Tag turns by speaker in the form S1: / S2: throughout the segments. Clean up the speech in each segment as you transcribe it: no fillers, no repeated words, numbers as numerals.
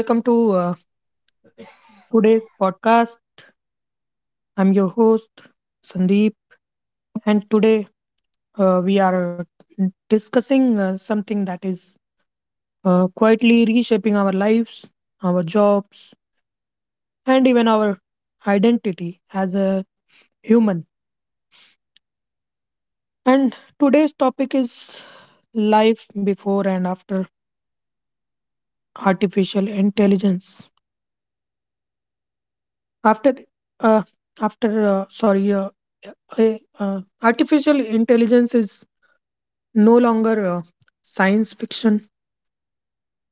S1: Welcome to today's podcast. I'm your host, Sandeep, and today we are discussing something that is quietly reshaping our lives, our jobs, and even our identity as a human. And today's topic is life before and after artificial intelligence. After, uh, after, uh, sorry, uh, uh, Artificial intelligence is no longer science fiction.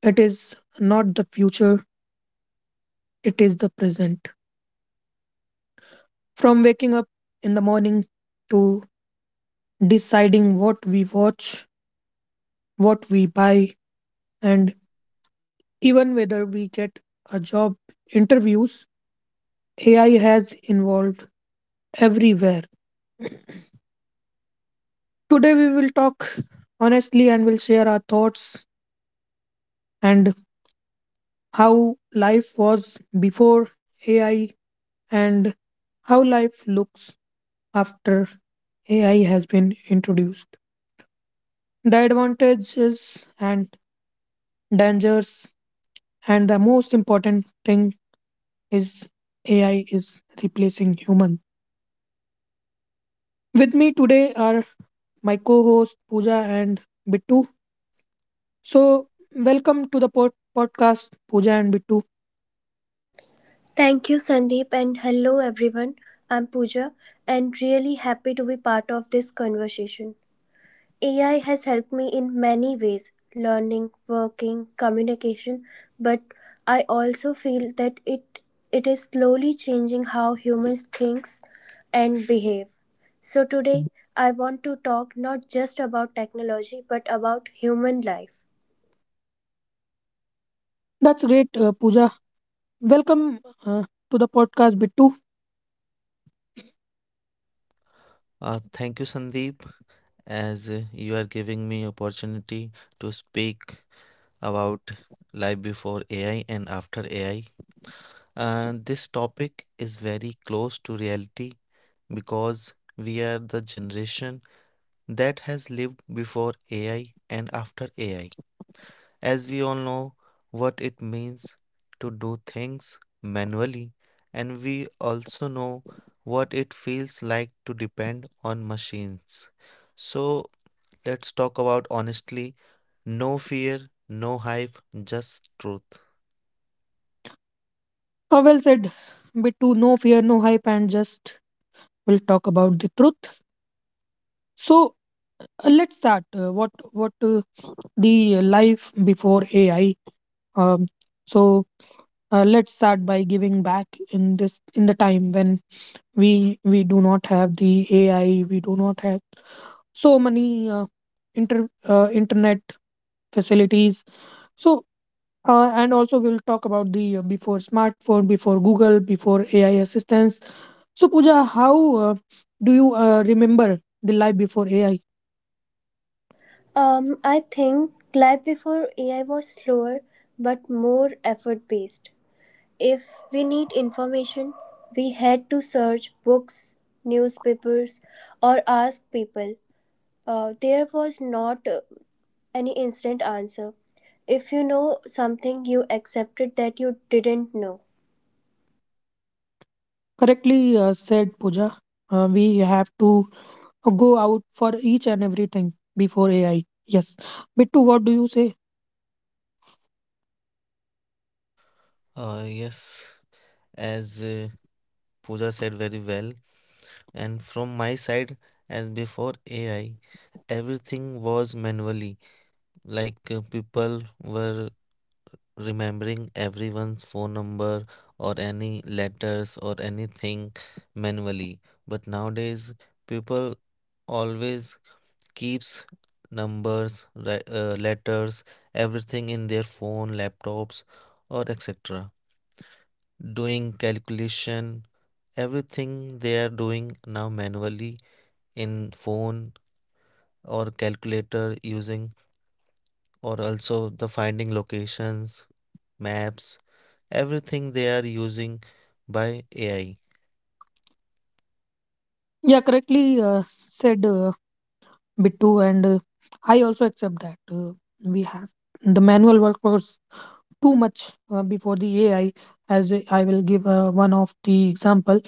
S1: It is not the future, it is the present. From waking up in the morning to deciding what we watch, what we buy, and even whether we get a job interviews, AI has involved everywhere. Today, we will talk honestly and will share our thoughts and how life was before AI and how life looks after AI has been introduced. The advantages and dangers, and the most important thing is AI is replacing human. With me today are my co-host Pooja and Bittu. So welcome to the podcast, Pooja and Bittu.
S2: Thank you, Sandeep, and hello everyone. I'm Pooja and really happy to be part of this conversation. AI has helped me in many ways learning, working, communication, but I also feel that it is slowly changing how humans think and behave. So today, I want to talk not just about technology but about human life.
S1: That's great, Pooja. Welcome to the podcast, Bittu.
S3: Thank you, Sandeep, as you are giving me opportunity to speak about life before AI and after AI. This topic is very close to reality because we are the generation that has lived before AI and after AI. As we all know what it means to do things manually, and we also know what it feels like to depend on machines. So let's talk about honestly, no fear, no hype, just truth.
S1: Well said, Bittu. No fear, no hype, and just we'll talk about the truth. So, let's start. What the life before AI? Um, so, let's start by giving back in this in the time when we do not have the AI, we do not have so many internet facilities. So, and also we'll talk about the before smartphone, before Google, before AI assistance. So Pooja, how do you remember the life before AI?
S2: I think life before AI was slower but more effort based. If we need information, we had to search books, newspapers, or ask people. There was not any instant answer. If you know something, you accepted that you didn't know.
S1: Correctly said, Pooja. We have to go out for each and everything before AI. Yes. Bittu, what do you say?
S3: Yes, as Pooja said very well, and from my side, as before AI, everything was manually, like people were remembering everyone's phone number or any letters or anything manually. But nowadays people always keeps numbers, letters, everything in their phone, laptops, or etc, doing calculation. Everything they are doing now manually in phone or calculator using, or also the finding locations, maps, everything they are using by AI.
S1: Yeah, correctly said Bittu, and I also accept that we have the manual work was too much before the AI. As I will give one of the example,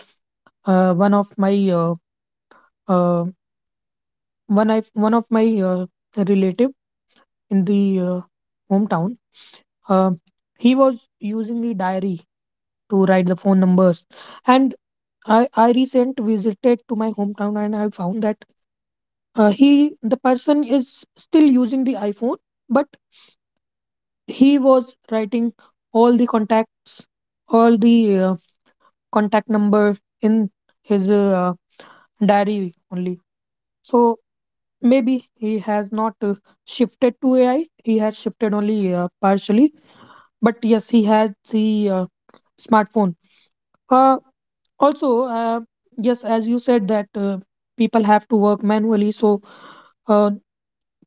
S1: uh, one of my uh, uh, one of my relative in the hometown. Uh, he was using the diary to write the phone numbers, and I recent visited to my hometown, and I found that he the person is still using the iPhone, but he was writing all the contacts, all the contact number in his diary only. So maybe he has not shifted to AI. He has shifted only partially, but yes, he has the smartphone. Uh, also, yes, as you said that people have to work manually. So uh,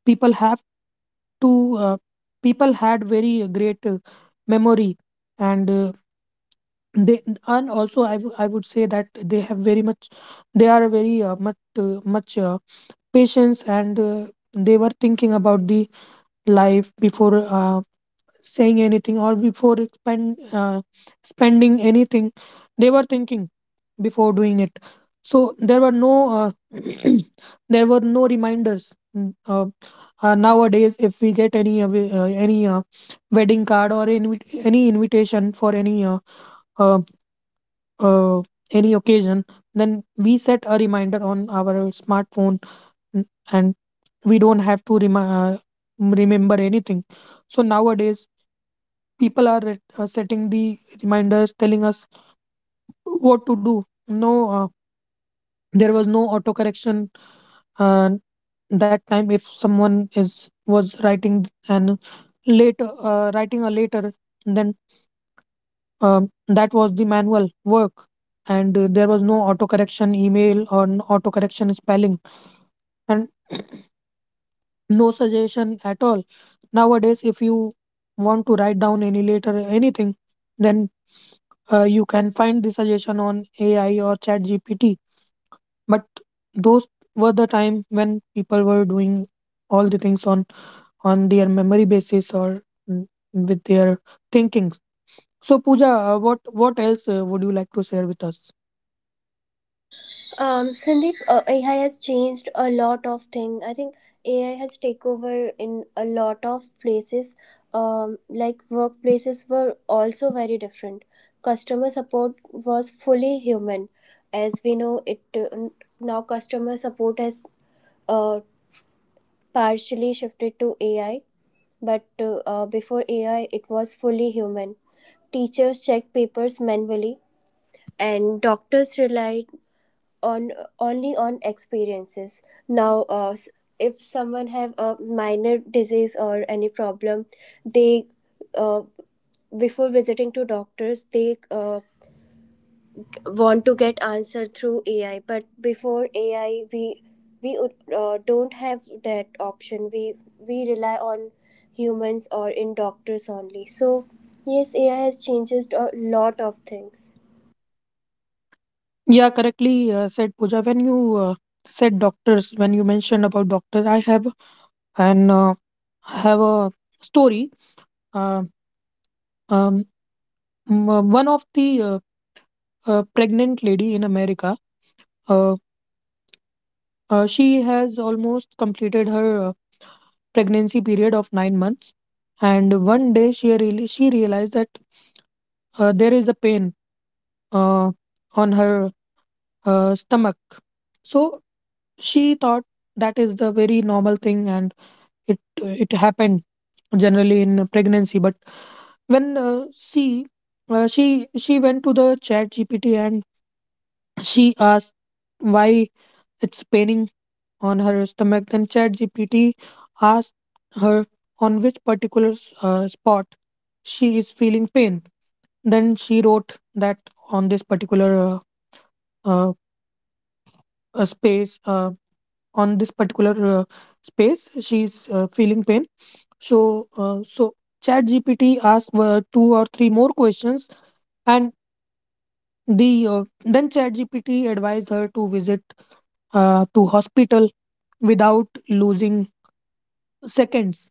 S1: people have to uh, people had very great memory. And they and also I would say that they have very much, they are very much, patience. And they were thinking about the life before saying anything, or before spending anything, they were thinking before doing it. So there were no there were no reminders. Nowadays, if we get any wedding card, or any invitation for uh, uh, any occasion, then we set a reminder on our smartphone, n- and we don't have to remember anything. So nowadays people are setting the reminders telling us what to do. no uh, there was no auto correction. And that time if someone is was writing and later writing a letter, then that was the manual work. And there was no auto correction email or auto correction spelling, and no suggestion at all. Nowadays, if you want to write down any letter, anything, then you can find the suggestion on AI or ChatGPT, but those were the time when people were doing all the things on their memory basis, or mm, with their thinking. So, Pooja, what else would you like to share with us?
S2: Sandeep, AI has changed a lot of thing. I think AI has take over in a lot of places. Like workplaces were also very different. Customer support was fully human, as we know it now. Customer support has uh, partially shifted to AI, but before AI, it was fully human. Teachers checked papers manually, and doctors relied on, only on experiences now. If someone have a minor disease or any problem, they uh, before visiting to doctors, they want to get answer through AI. But before AI, we don't have that option. We rely on humans or in doctors only. So yes, AI has changed a lot of things.
S1: Yeah, correctly said, Pooja. When you said doctors, when you mentioned about doctors, I an uh, have a story. Uh, um, One of the pregnant lady in America. Uh, she has almost completed her pregnancy period of 9 months, and one day she realized that there is a pain uh, on her stomach. So she thought that is the very normal thing, and it happened generally in pregnancy. But when she went to the Chat GPT and she asked why it's paining on her stomach. Then ChatGPT asks her on which particular spot she is feeling pain. Then she wrote that on this particular uh, uh, space, on this particular space, she is feeling pain. So ChatGPT asked two or three more questions, and then ChatGPT advised her to visit to hospital without losing seconds,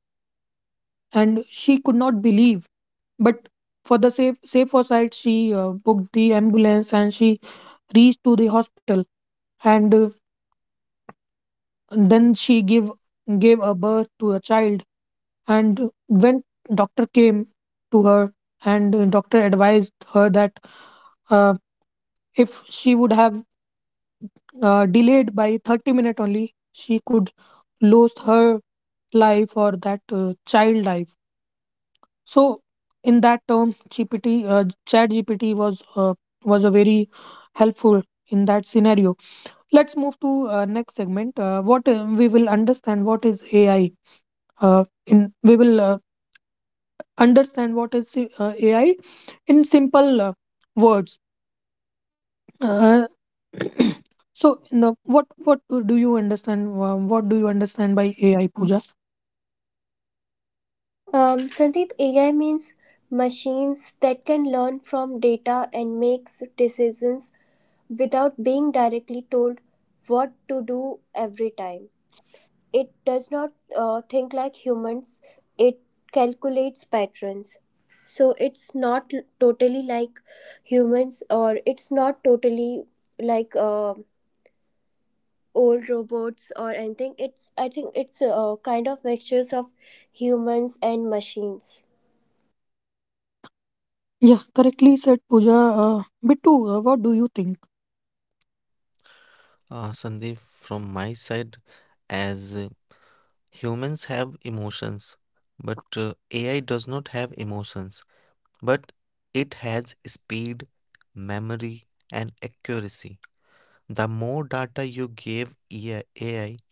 S1: and she could not believe. But for the safer side, she booked the ambulance and she reached to the hospital. And then she gave a birth to a child. And when doctor came to her, and doctor advised her that uh, if she would have delayed by 30 minutes only, she could lose her life or that child life. So in that term, chat GPT was a very helpful in that scenario. Let's move to next segment. What We will understand what is AI. In we will understand what is AI in simple words. Uh, so now, what do you understand? What do you understand by AI, Pooja?
S2: Sandeep, AI means machines that can learn from data and makes decisions without being directly told what to do every time. It does not think like humans. It calculates patterns. So it's not totally like humans, or it's not totally like old robots or anything. It's I think it's a kind of mixtures of humans and machines.
S1: Yeah, correctly said, Pooja. Bittu, what do you think?
S3: Sandeep, from my side, as humans have emotions, but AI does not have emotions, but it has speed, memory, and accuracy. The more data you give AI,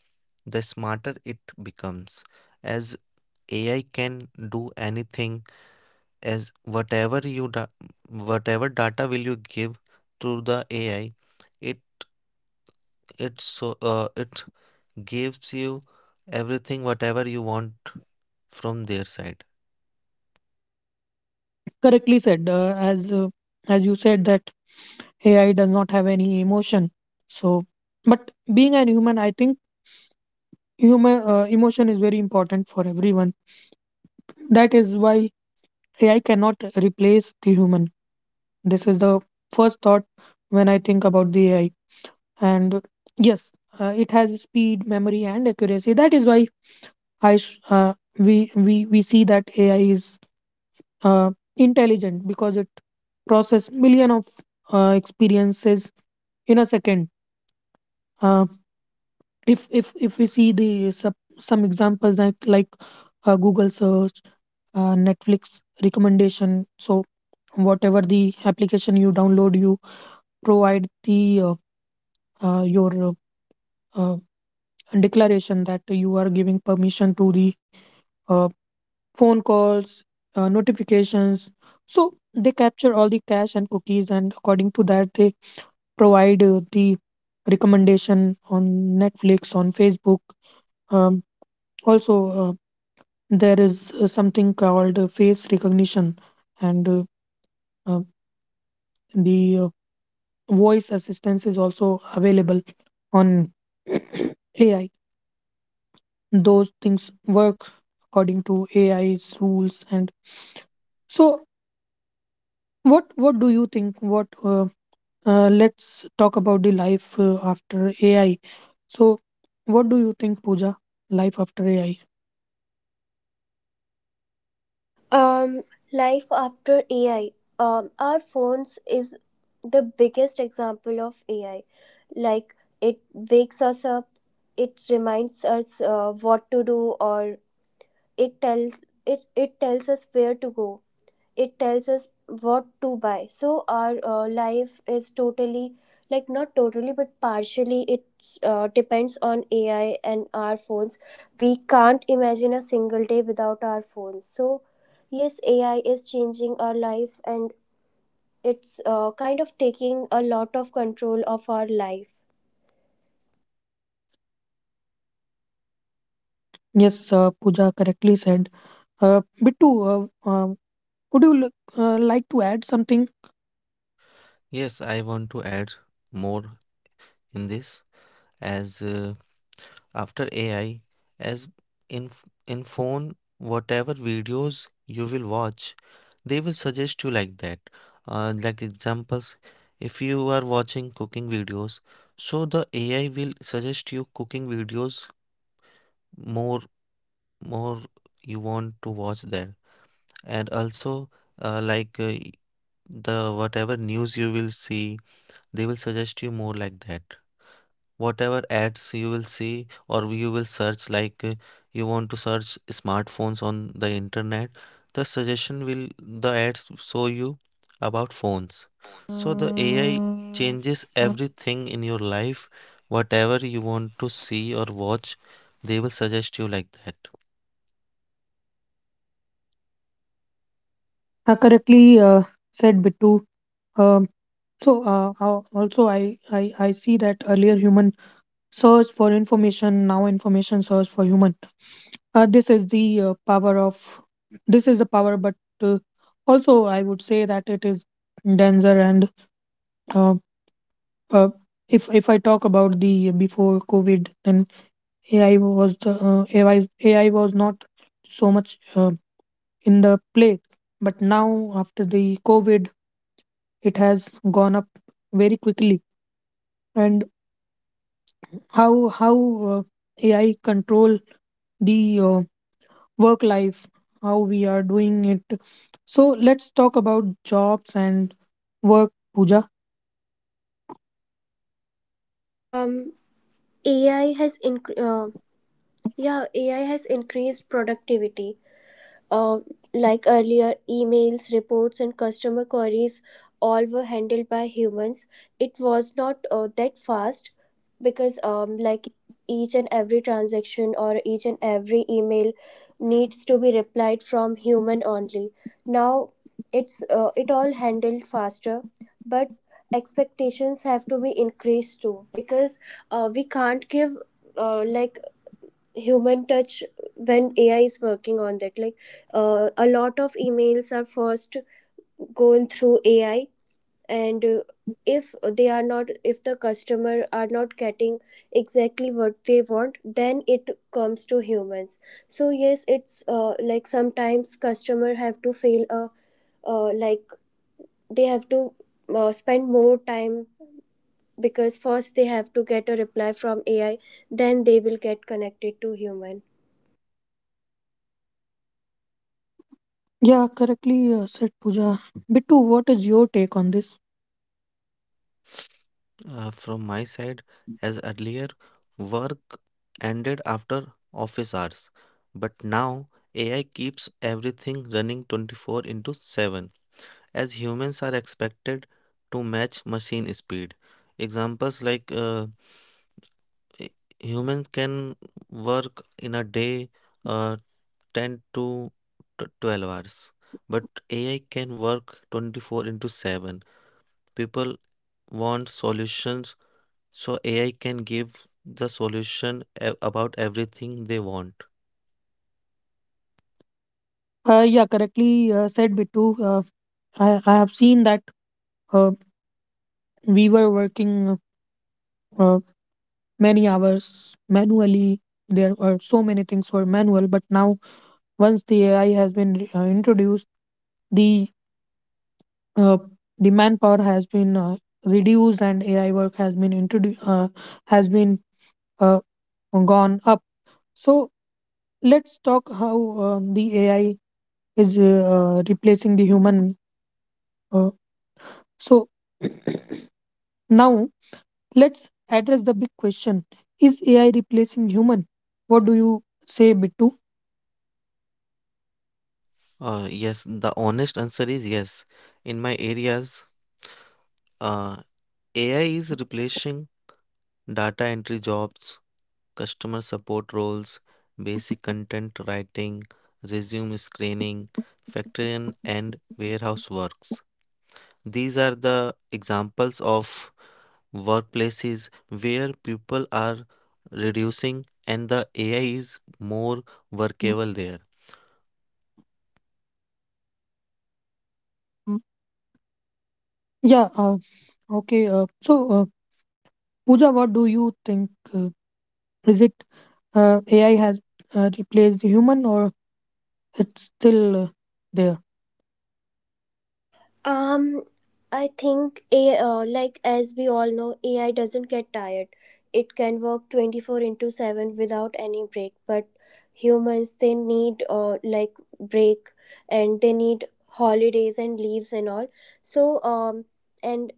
S3: the smarter it becomes, as AI can do anything, as whatever data will you give through the AI, it it's so, it gives you everything whatever you want from their side.
S1: Correctly said, as you said that AI does not have any emotion. So, but being a human, I think human emotion is very important for everyone. That is why AI cannot replace the human. This is the first thought when I think about the AI. And yes, it has speed, memory, and accuracy. That is why we see that AI is intelligent, because it process million of experiences in a second. Uh, if we see some examples like Google search, Netflix recommendation, so whatever the application you download, you provide the your uh, declaration that you are giving permission to the uh, phone calls, notifications. So they capture all the cache and cookies, and according to that they provide the recommendation on Netflix, on Facebook. um, Also, there is something called face recognition. And uh, the voice assistance is also available on AI. Those things work according to AI's rules, and so what do you think what let's talk about the life after AI. So, what do you think, Pooja? Life after AI?
S2: Um, Life after AI. Our phones is the biggest example of AI. Like, it wakes us up, it reminds us what to do, or it tells it tells us where to go, it tells us what to buy. So our life is totally, like, not totally but partially, it depends on AI and our phones. We can't imagine a single day without our phones. So yes, AI is changing our life, and it's kind of taking a lot of control of our life.
S1: Yes, Pooja correctly said. Bittu, Would like to add something?
S3: Yes, I want to add more in this. As after AI, as in phone, whatever videos you will watch, they will suggest you like that. Like examples, if you are watching cooking videos, so the AI will suggest you cooking videos more, more you want to watch there. And also, like the whatever news you will see, they will suggest you more like that. Whatever ads you will see or you will search, like you want to search smartphones on the internet, the suggestion will, the ads show you about phones. So the AI changes everything in your life. Whatever you want to see or watch, they will suggest you like that.
S1: Correctly said, Bittu. Um, so, also I see that earlier human search for information, now information search for human. Uh, this is the uh, power of this is the power, but uh, also I would say that it is danger. And uh, uh, if I talk about the before COVID, then AI was not so much in the play, but now after the COVID it has gone up very quickly. And how how uh, AI control the uh, work life, how we are doing it. So let's talk about jobs and work, Pooja.
S2: um ai has inc- uh, yeah AI has increased productivity. Uh, like earlier, emails, reports, and customer queries all were handled by humans. It was not that fast because, like, each and every transaction or each and every email needs to be replied from human only. Now, it's it all handled faster, but expectations have to be increased too, because we can't give, like, human touch when AI is working on that. Like, a lot of emails are first going through AI, and if they are not, if the customer are not getting exactly what they want, then it comes to humans. So yes, it's, like, sometimes customer have to fail a, like, they have to spend more time, because first they have to get a reply from AI, then they will get connected to human.
S1: Yeah, correctly said, Pooja. Bittu, what is your take on this?
S3: From my side, as earlier, work ended after office hours, but now AI keeps everything running 24 into 7, as humans are expected to match machine speed. Examples like, h- humans can work in a day uh, 10 to 12 hours, but AI can work 24 into 7. People want solutions so AI can give the solution about everything they want.
S1: Yeah, correctly said, Bittu. uh, I have seen that uh, we were working uh, many hours manually. There were so many things were manual, but now once the AI has been introduced, the uh, the manpower has been reduced, and AI work has been introduced, has been uh, gone up. So let's talk how the AI is replacing the human. Uh, so now let's address the big question: Is AI replacing human? What do you say, Bittu?
S3: Yes, the honest answer is yes. In my areas, uh, AI is replacing data entry jobs, customer support roles, basic content writing, resume screening, factory and warehouse works. These are the examples of workplaces where people are reducing and the AI is more workable there.
S1: Mm, yeah. Okay. So, Pooja, what do you think? Is it AI has replaced the human, or it's still there?
S2: Um, I think a, like, as we all know, AI doesn't get tired. It can work 24/7 without any break. But humans, they need, like, break, and they need holidays and leaves and all. So, and,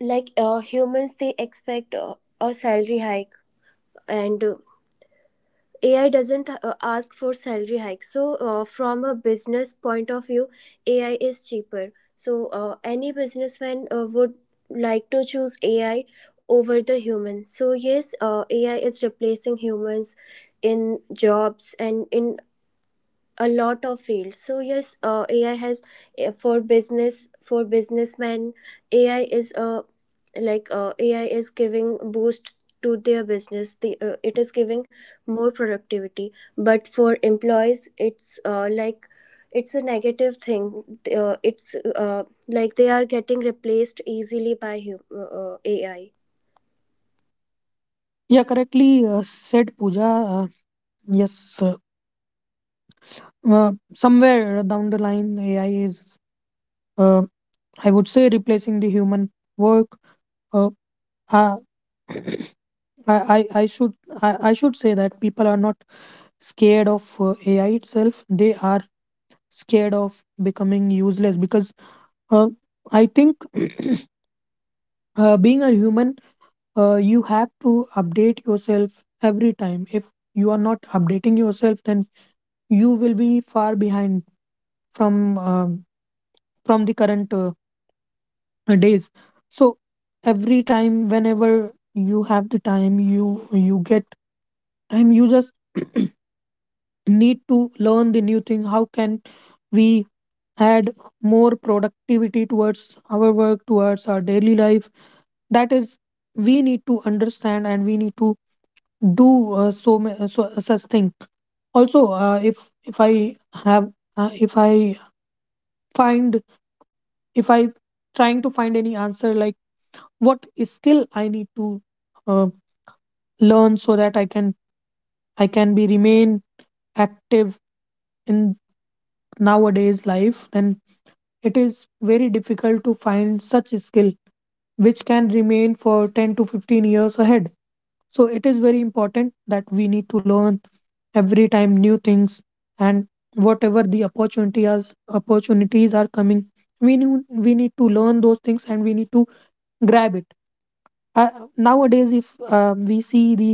S2: like, humans, they expect a salary hike, and AI doesn't ask for salary hike. So, from a business point of view, AI is cheaper. So any businessman would like to choose AI over the human. So yes, AI is replacing humans in jobs and in a lot of fields. So yes, AI has, for business, for businessmen, AI is a, like, AI is giving boost to their business. The It is giving more productivity, but for employees it's, like, it's a negative thing, it's, uh, like, they are getting replaced easily by AI.
S1: Yeah, correctly said, Pooja. Yes, somewhere down the line, AI is, uh, I would say, replacing the human work. Uh, I, I, I I should, I should say that people are not scared of AI itself. They are scared of becoming useless, because uh, I think being a human you have to update yourself every time. If you are not updating yourself, then you will be far behind from um, from the current days. So every time, whenever you have the time, you get time. You just need to learn the new thing. How can we add more productivity towards our work, towards our daily life? That is, we need to understand and we need to do so such things also. If I have if I find if I trying to find any answer like what skill I need to uh, learn so that I can be remain active in nowadays life, then it is very difficult to find such a skill which can remain for 10 to 15 years ahead. So it is very important that we need to learn every time new things, and whatever the opportunity as opportunities are coming, we need to learn those things and we need to grab it. Uh, Nowadays, if we see the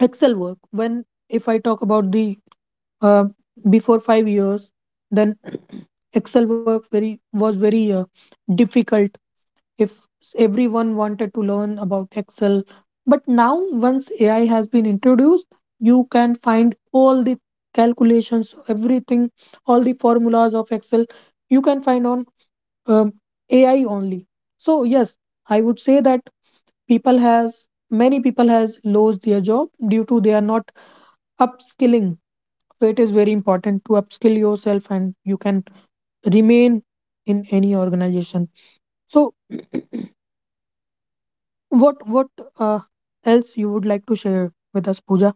S1: Excel work, when if I talk about the uh, before 5 years, then Excel work very was very difficult. If s- Everyone wanted to learn about Excel. But now, once AI has been introduced, you can find all the calculations, everything, all the formulas of Excel, you can find on um, AI only. So yes, I would say that people has many people has lost their job due to they are not upskilling. So it is very important to upskill yourself and you can remain in any organization. So what uh, else you would like to share with us, Pooja?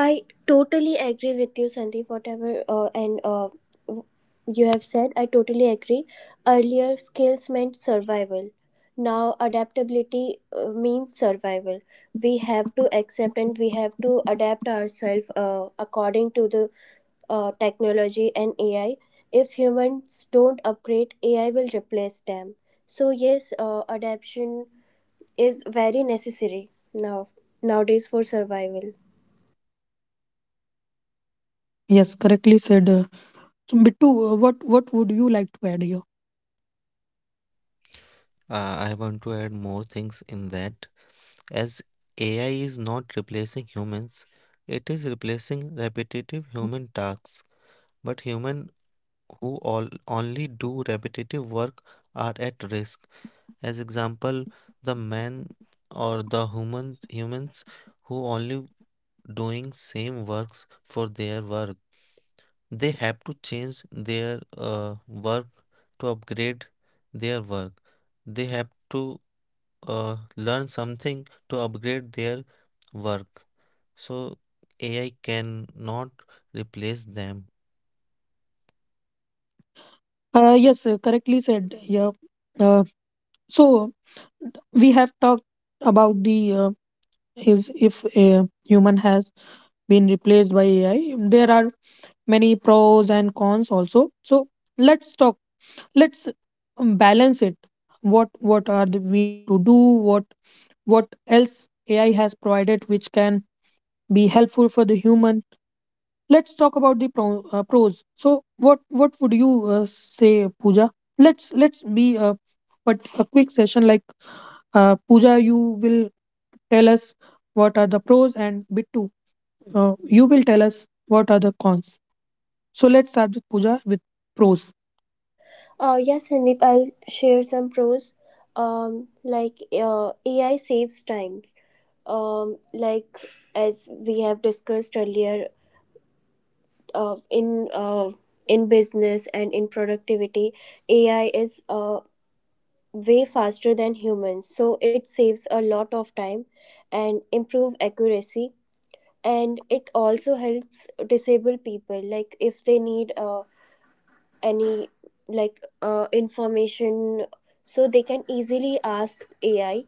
S2: I totally agree with you, Sandeep. Whatever, w- you have said, I totally agree. Earlier, skills meant survival. Now, adaptability means survival. We have to accept and we have to adapt ourselves according to the technology and AI. If humans don't upgrade, AI will replace them. So yes, adaptation is very necessary nowadays for survival.
S1: Yes, correctly said. So Bittu, what would you like to add here?
S3: I want to add more things in that. As AI is not replacing humans, it is replacing repetitive human tasks. But human who all only do repetitive work are at risk. As example, the man or the humans who only doing same works for their work, they have to change their work to upgrade their work. They have to learn something to upgrade their work, so AI cannot replace them.
S1: Yes, correctly said. Yeah. Uh, so we have talked about the is if a human has been replaced by AI. There are many pros and cons also. So let's talk. Let's balance it. What are the, we need to do? What else AI has provided which can be helpful for the human. Let's talk about the pros. So, what would you say, Pooja? Let's be a but a quick session like Pooja. You will tell us what are the pros, and Bittu, you will tell us what are the cons. So let's start with Pooja with pros.
S2: Yes, Sandeep, I'll share some pros. Like, AI saves times. Like, as we have discussed earlier, uh, in uh, in business and in productivity, AI is way faster than humans, so it saves a lot of time and improve accuracy. And it also helps disabled people, like if they need a any, like, information, so they can easily ask AI,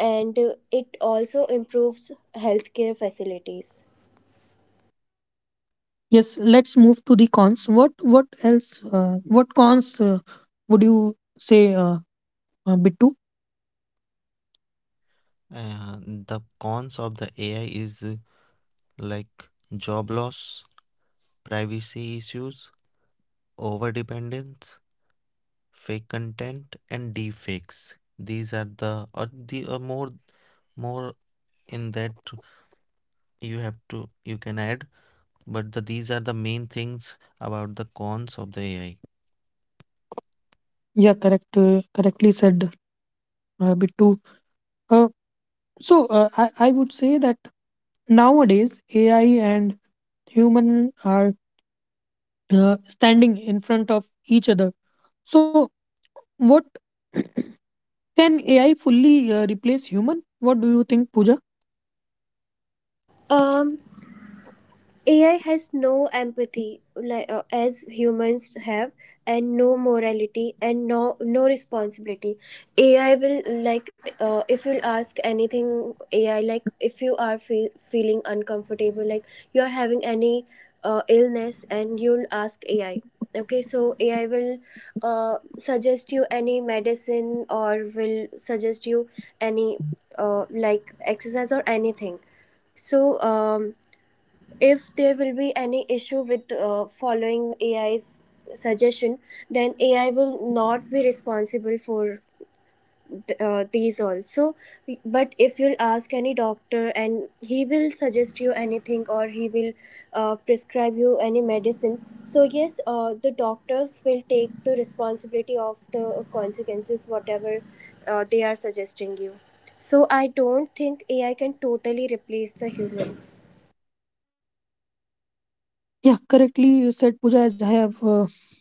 S2: and it also improves healthcare facilities.
S1: Yes, let's move to the cons. What else? What cons would you say, Bittu?
S3: The cons of the AI is, like, job loss, privacy issues, over dependence, fake content and deepfakes. These are the, or the, more, more in that you have to, you can add, but these are the main things about the cons of the AI.
S1: Yeah, correct. Correctly said, Bittu. Uh, So I would say that nowadays AI and human are standing in front of each other. So what can AI fully replace human? What do you think, Pooja?
S2: um AI has no empathy, like, as humans have, and no morality and no responsibility. AI will, like, if you'll ask anything, AI, like, if you are feeling uncomfortable, like you are having any illness, and you'll ask AI, okay, so AI will suggest you any medicine, or will suggest you any, like, exercise or anything. So, if there will be any issue with, following AI's suggestion, then AI will not be responsible for these also. But if you'll ask any doctor, and he will suggest you anything, or he will prescribe you any medicine, so yes, the doctors will take the responsibility of the consequences, whatever they are suggesting you. So I don't think AI can totally replace the humans.
S1: Yeah, correctly said, Pooja. As I have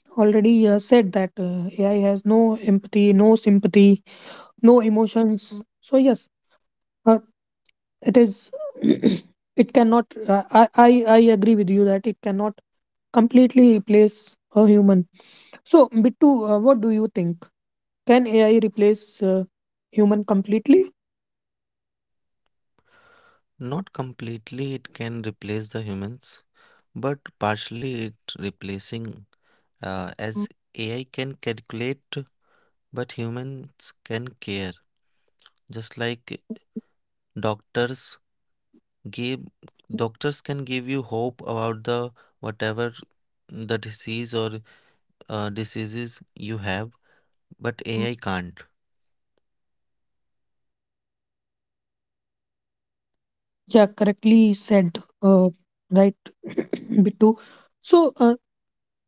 S1: already said that AI has no empathy, no sympathy, no emotions. So yes, uh, it is. It cannot. I agree with you that it cannot completely replace a human. So, Bittu, what do you think? Can AI replace human completely?
S3: Not completely it can replace the humans, but partially it replacing, as AI can calculate, but humans can care. Just like doctors give doctors can give you hope about the, whatever the disease or diseases you have, but AI can't.
S1: Yeah, correctly said. Right, Bittu. So, uh,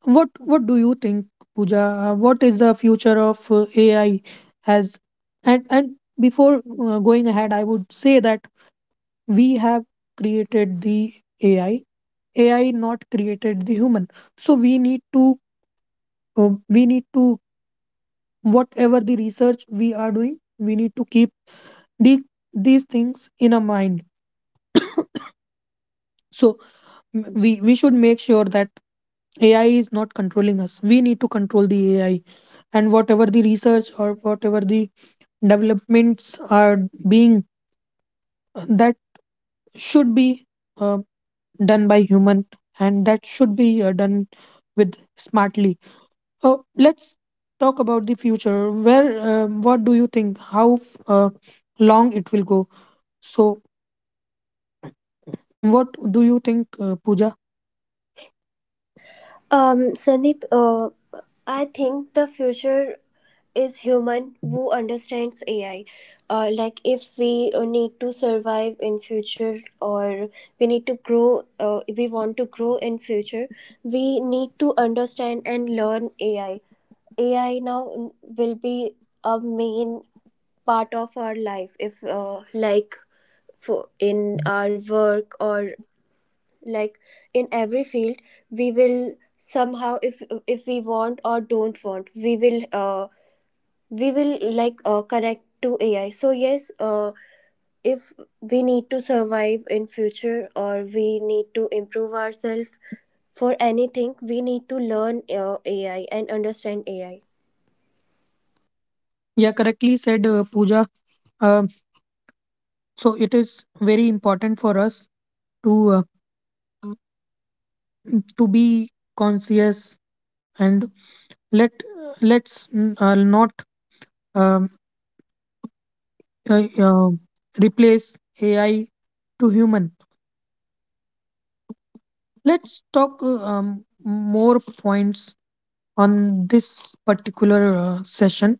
S1: what what do you think, Pooja? What is the future of AI as? And before going ahead, I would say that we have created the AI. AI not created the human. So we need to, whatever the research we are doing, we need to keep the, these things in our mind. So We should make sure that AI is not controlling us. We need to control the AI, and whatever the research or whatever the developments are being, that should be uh, done by human, and that should be done with smartly. Let's talk about the future where, what do you think, how uh, long it will go? So what do you think, Pooja?
S2: Sandeep, I think the future is human who understands AI. Like, if we need to survive in future, or we need to grow, we want to grow in future, we need to understand and learn AI. AI now will be a main part of our life if, like, for in our work, or like in every field, we will somehow, if we want or don't want, we will, like, connect to AI. So yes, if we need to survive in future, or we need to improve ourselves for anything, we need to learn AI and understand AI.
S1: Yeah, correctly said, Pooja. Um, so it is very important for us to be conscious, and let let's not um, uh, uh, replace AI to human. Let's talk more points on this particular session.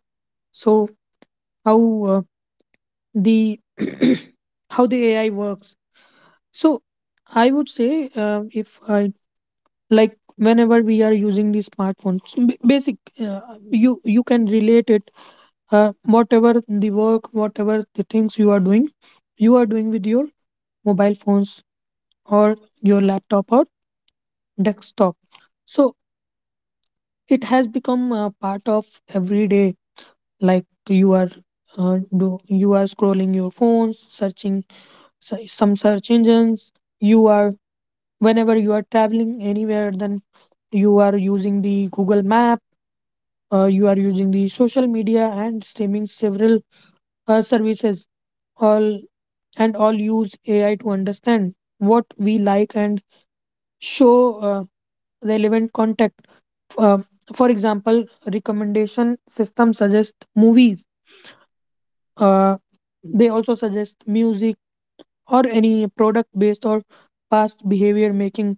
S1: So how uh, the how the AI works. So I would say, if I, like whenever we are using the smartphones, basic, you can relate it. Whatever the work, whatever the things you are doing, you are doing with your mobile phones or your laptop or desktop. So it has become a part of everyday. Like you are do you are scrolling your phones, searching some search engines. You are, whenever you are traveling anywhere, then you are using the Google Map. You are using the social media and streaming several services. All and all use AI to understand what we like and show uh, relevant content. uh, for example, recommendation system suggest movies, uh, they also suggest music or any product based or past behavior, making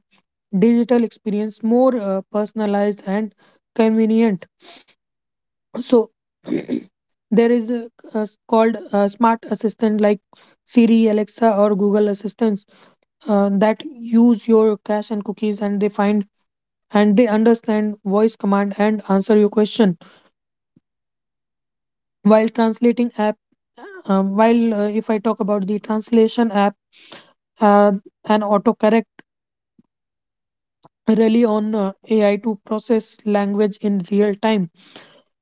S1: digital experience more personalized and convenient. So there is a called a smart assistant like Siri, Alexa, or Google Assistants, that use your cache and cookies, and they find and they understand voice command and answer your question while translating app. While if I talk about the translation app uh, and autocorrect, rely on AI to process language in real time.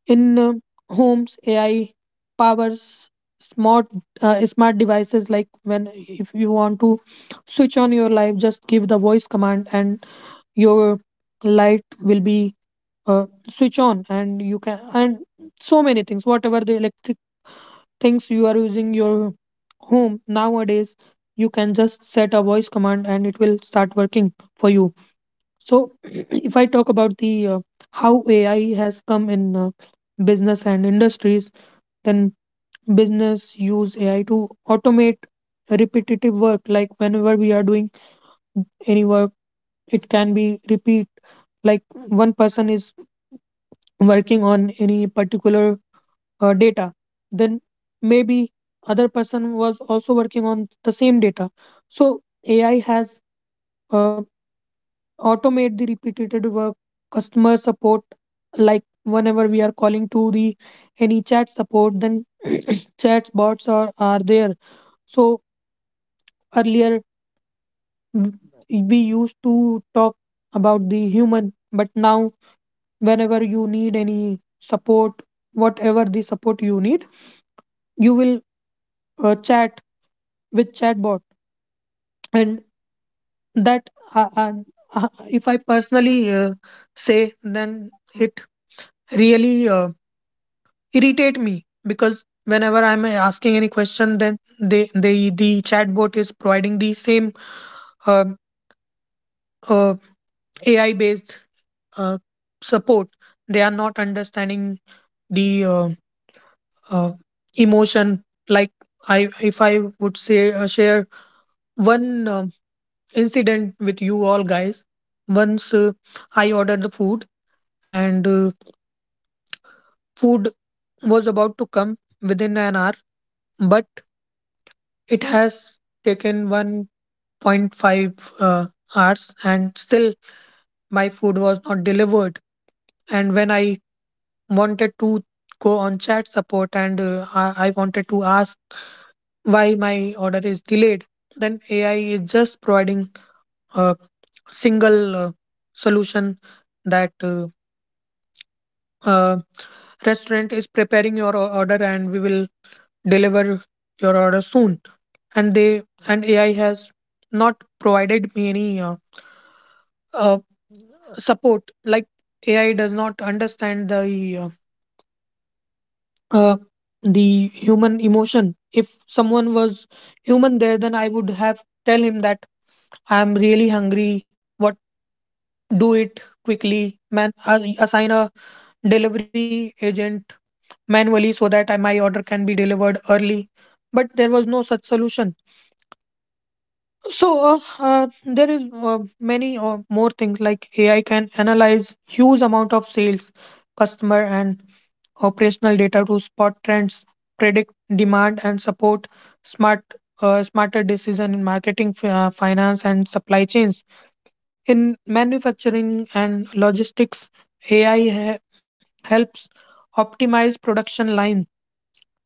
S1: In homes, AI powers smart smart devices. Like when if you want to switch on your light, just give the voice command, and your light will be switch on, and you can, and so many things. Whatever the electric things you are using your home nowadays, you can just set a voice command, and it will start working for you. So if I talk about the how AI has come in business and industries, then business use AI to automate repetitive work. Like whenever we are doing any work, it can be repeat. Like one person is working on any particular data, then maybe other person was also working on the same data. So AI has uh, automate the repeated work, customer support. Like whenever we are calling to the any chat support, then chat bots are there. So earlier, w- we used to talk about the human, but now, whenever you need any support, whatever the support you need, you will chat with chatbot. And that, uh, uh, if I personally say, then it really irritate me because whenever I'm asking any question, then the chatbot is providing the same uh, uh, AI based uh, support. They are not understanding the uh, emotion. Like I if I would say, share one incident with you all guys. Once I ordered the food, and food was about to come within an hour, but it has taken 1.5 uh, hours and still my food was not delivered. And when I wanted to go on chat support and I wanted to ask why my order is delayed, then AI is just providing a single solution that uh, restaurant is preparing your order and we will deliver your order soon. And they and AI has not provided me any uh, support. Like AI does not understand the uh, uh, human emotion. If someone was human there, then I would have tell him that I'm really hungry. What do it quickly, man? Assign a delivery agent manually so that my order can be delivered early. But there was no such solution. So there is many more things, like AI can analyze huge amount of sales, customer, and operational data to spot trends, predict demand, and support smart smarter decision in marketing, finance, and supply chains. In manufacturing and logistics, AI helps optimize production line,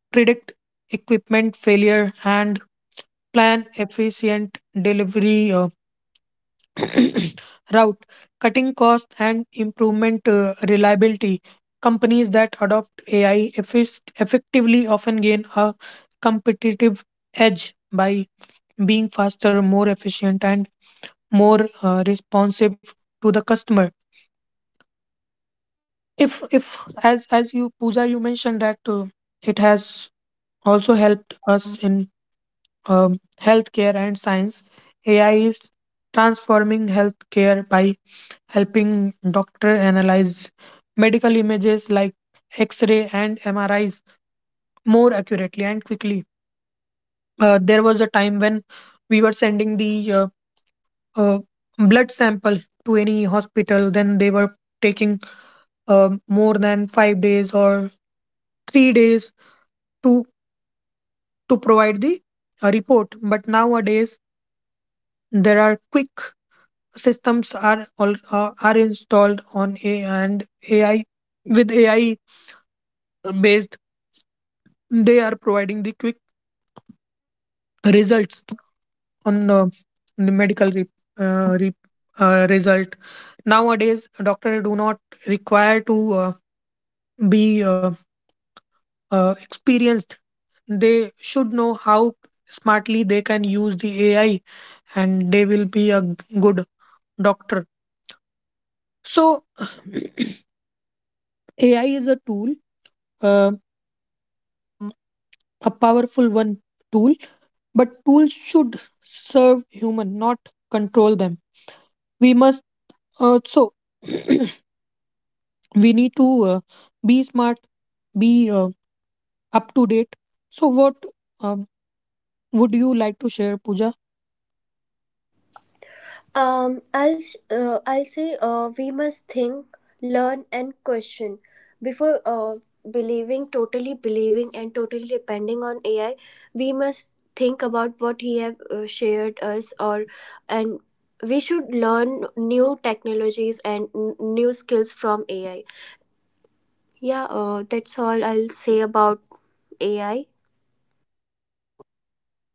S1: predict equipment failure, and plan efficient delivery route, cutting costs and improvement reliability. Companies that adopt AI effectively often gain a competitive edge by being faster, more efficient, and more responsive to the customer. If as as you Pooja, you mentioned that it has also helped us in healthcare and science. AI is transforming healthcare by helping doctor analyze medical images like x-ray and MRIs more accurately and quickly. There was a time when we were sending the uh, blood sample to any hospital, then they were taking more than 5 days or 3 days to provide the report. But nowadays there are quick systems are all, are installed on AI, and AI based, they are providing the quick results on the uh, re- result. Nowadays doctors do not require to be experienced. They should know how smartly they can use the AI, and they will be a good doctor. So AI is a tool, uh, a powerful one tool, but tools should serve human, not control them. We must so we need to be smart, be up to date. So what um, would you like to share, Pooja?
S2: I'll I'll say, we must think, learn, and question before, believing totally believing, and totally depending on AI. We must think about what he have shared us, or and we should learn new technologies and new skills from AI. Yeah, that's all I'll say about AI.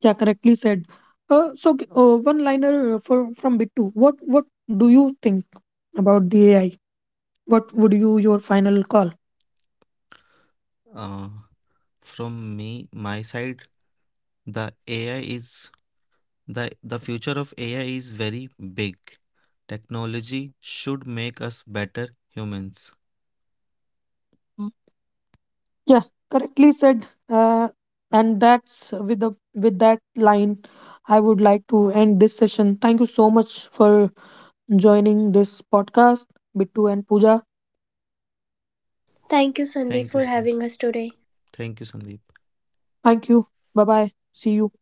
S1: Yeah, correctly said. One liner for from Bittu. What do you think about the AI? What would you your final call?
S3: uh, from me my side, The AI is the the future of AI is very big. Technology should make us better humans.
S1: Mm. Yeah, correctly said. And that's with the, with that line, I would like to end this session. Thank you so much for joining this podcast, Bittu and Pooja.
S2: Thank you, Sandeep,
S3: Thank you,
S2: for
S3: sir.
S2: having us today.
S3: Thank you, Sandeep.
S1: Thank you. Bye bye. See you.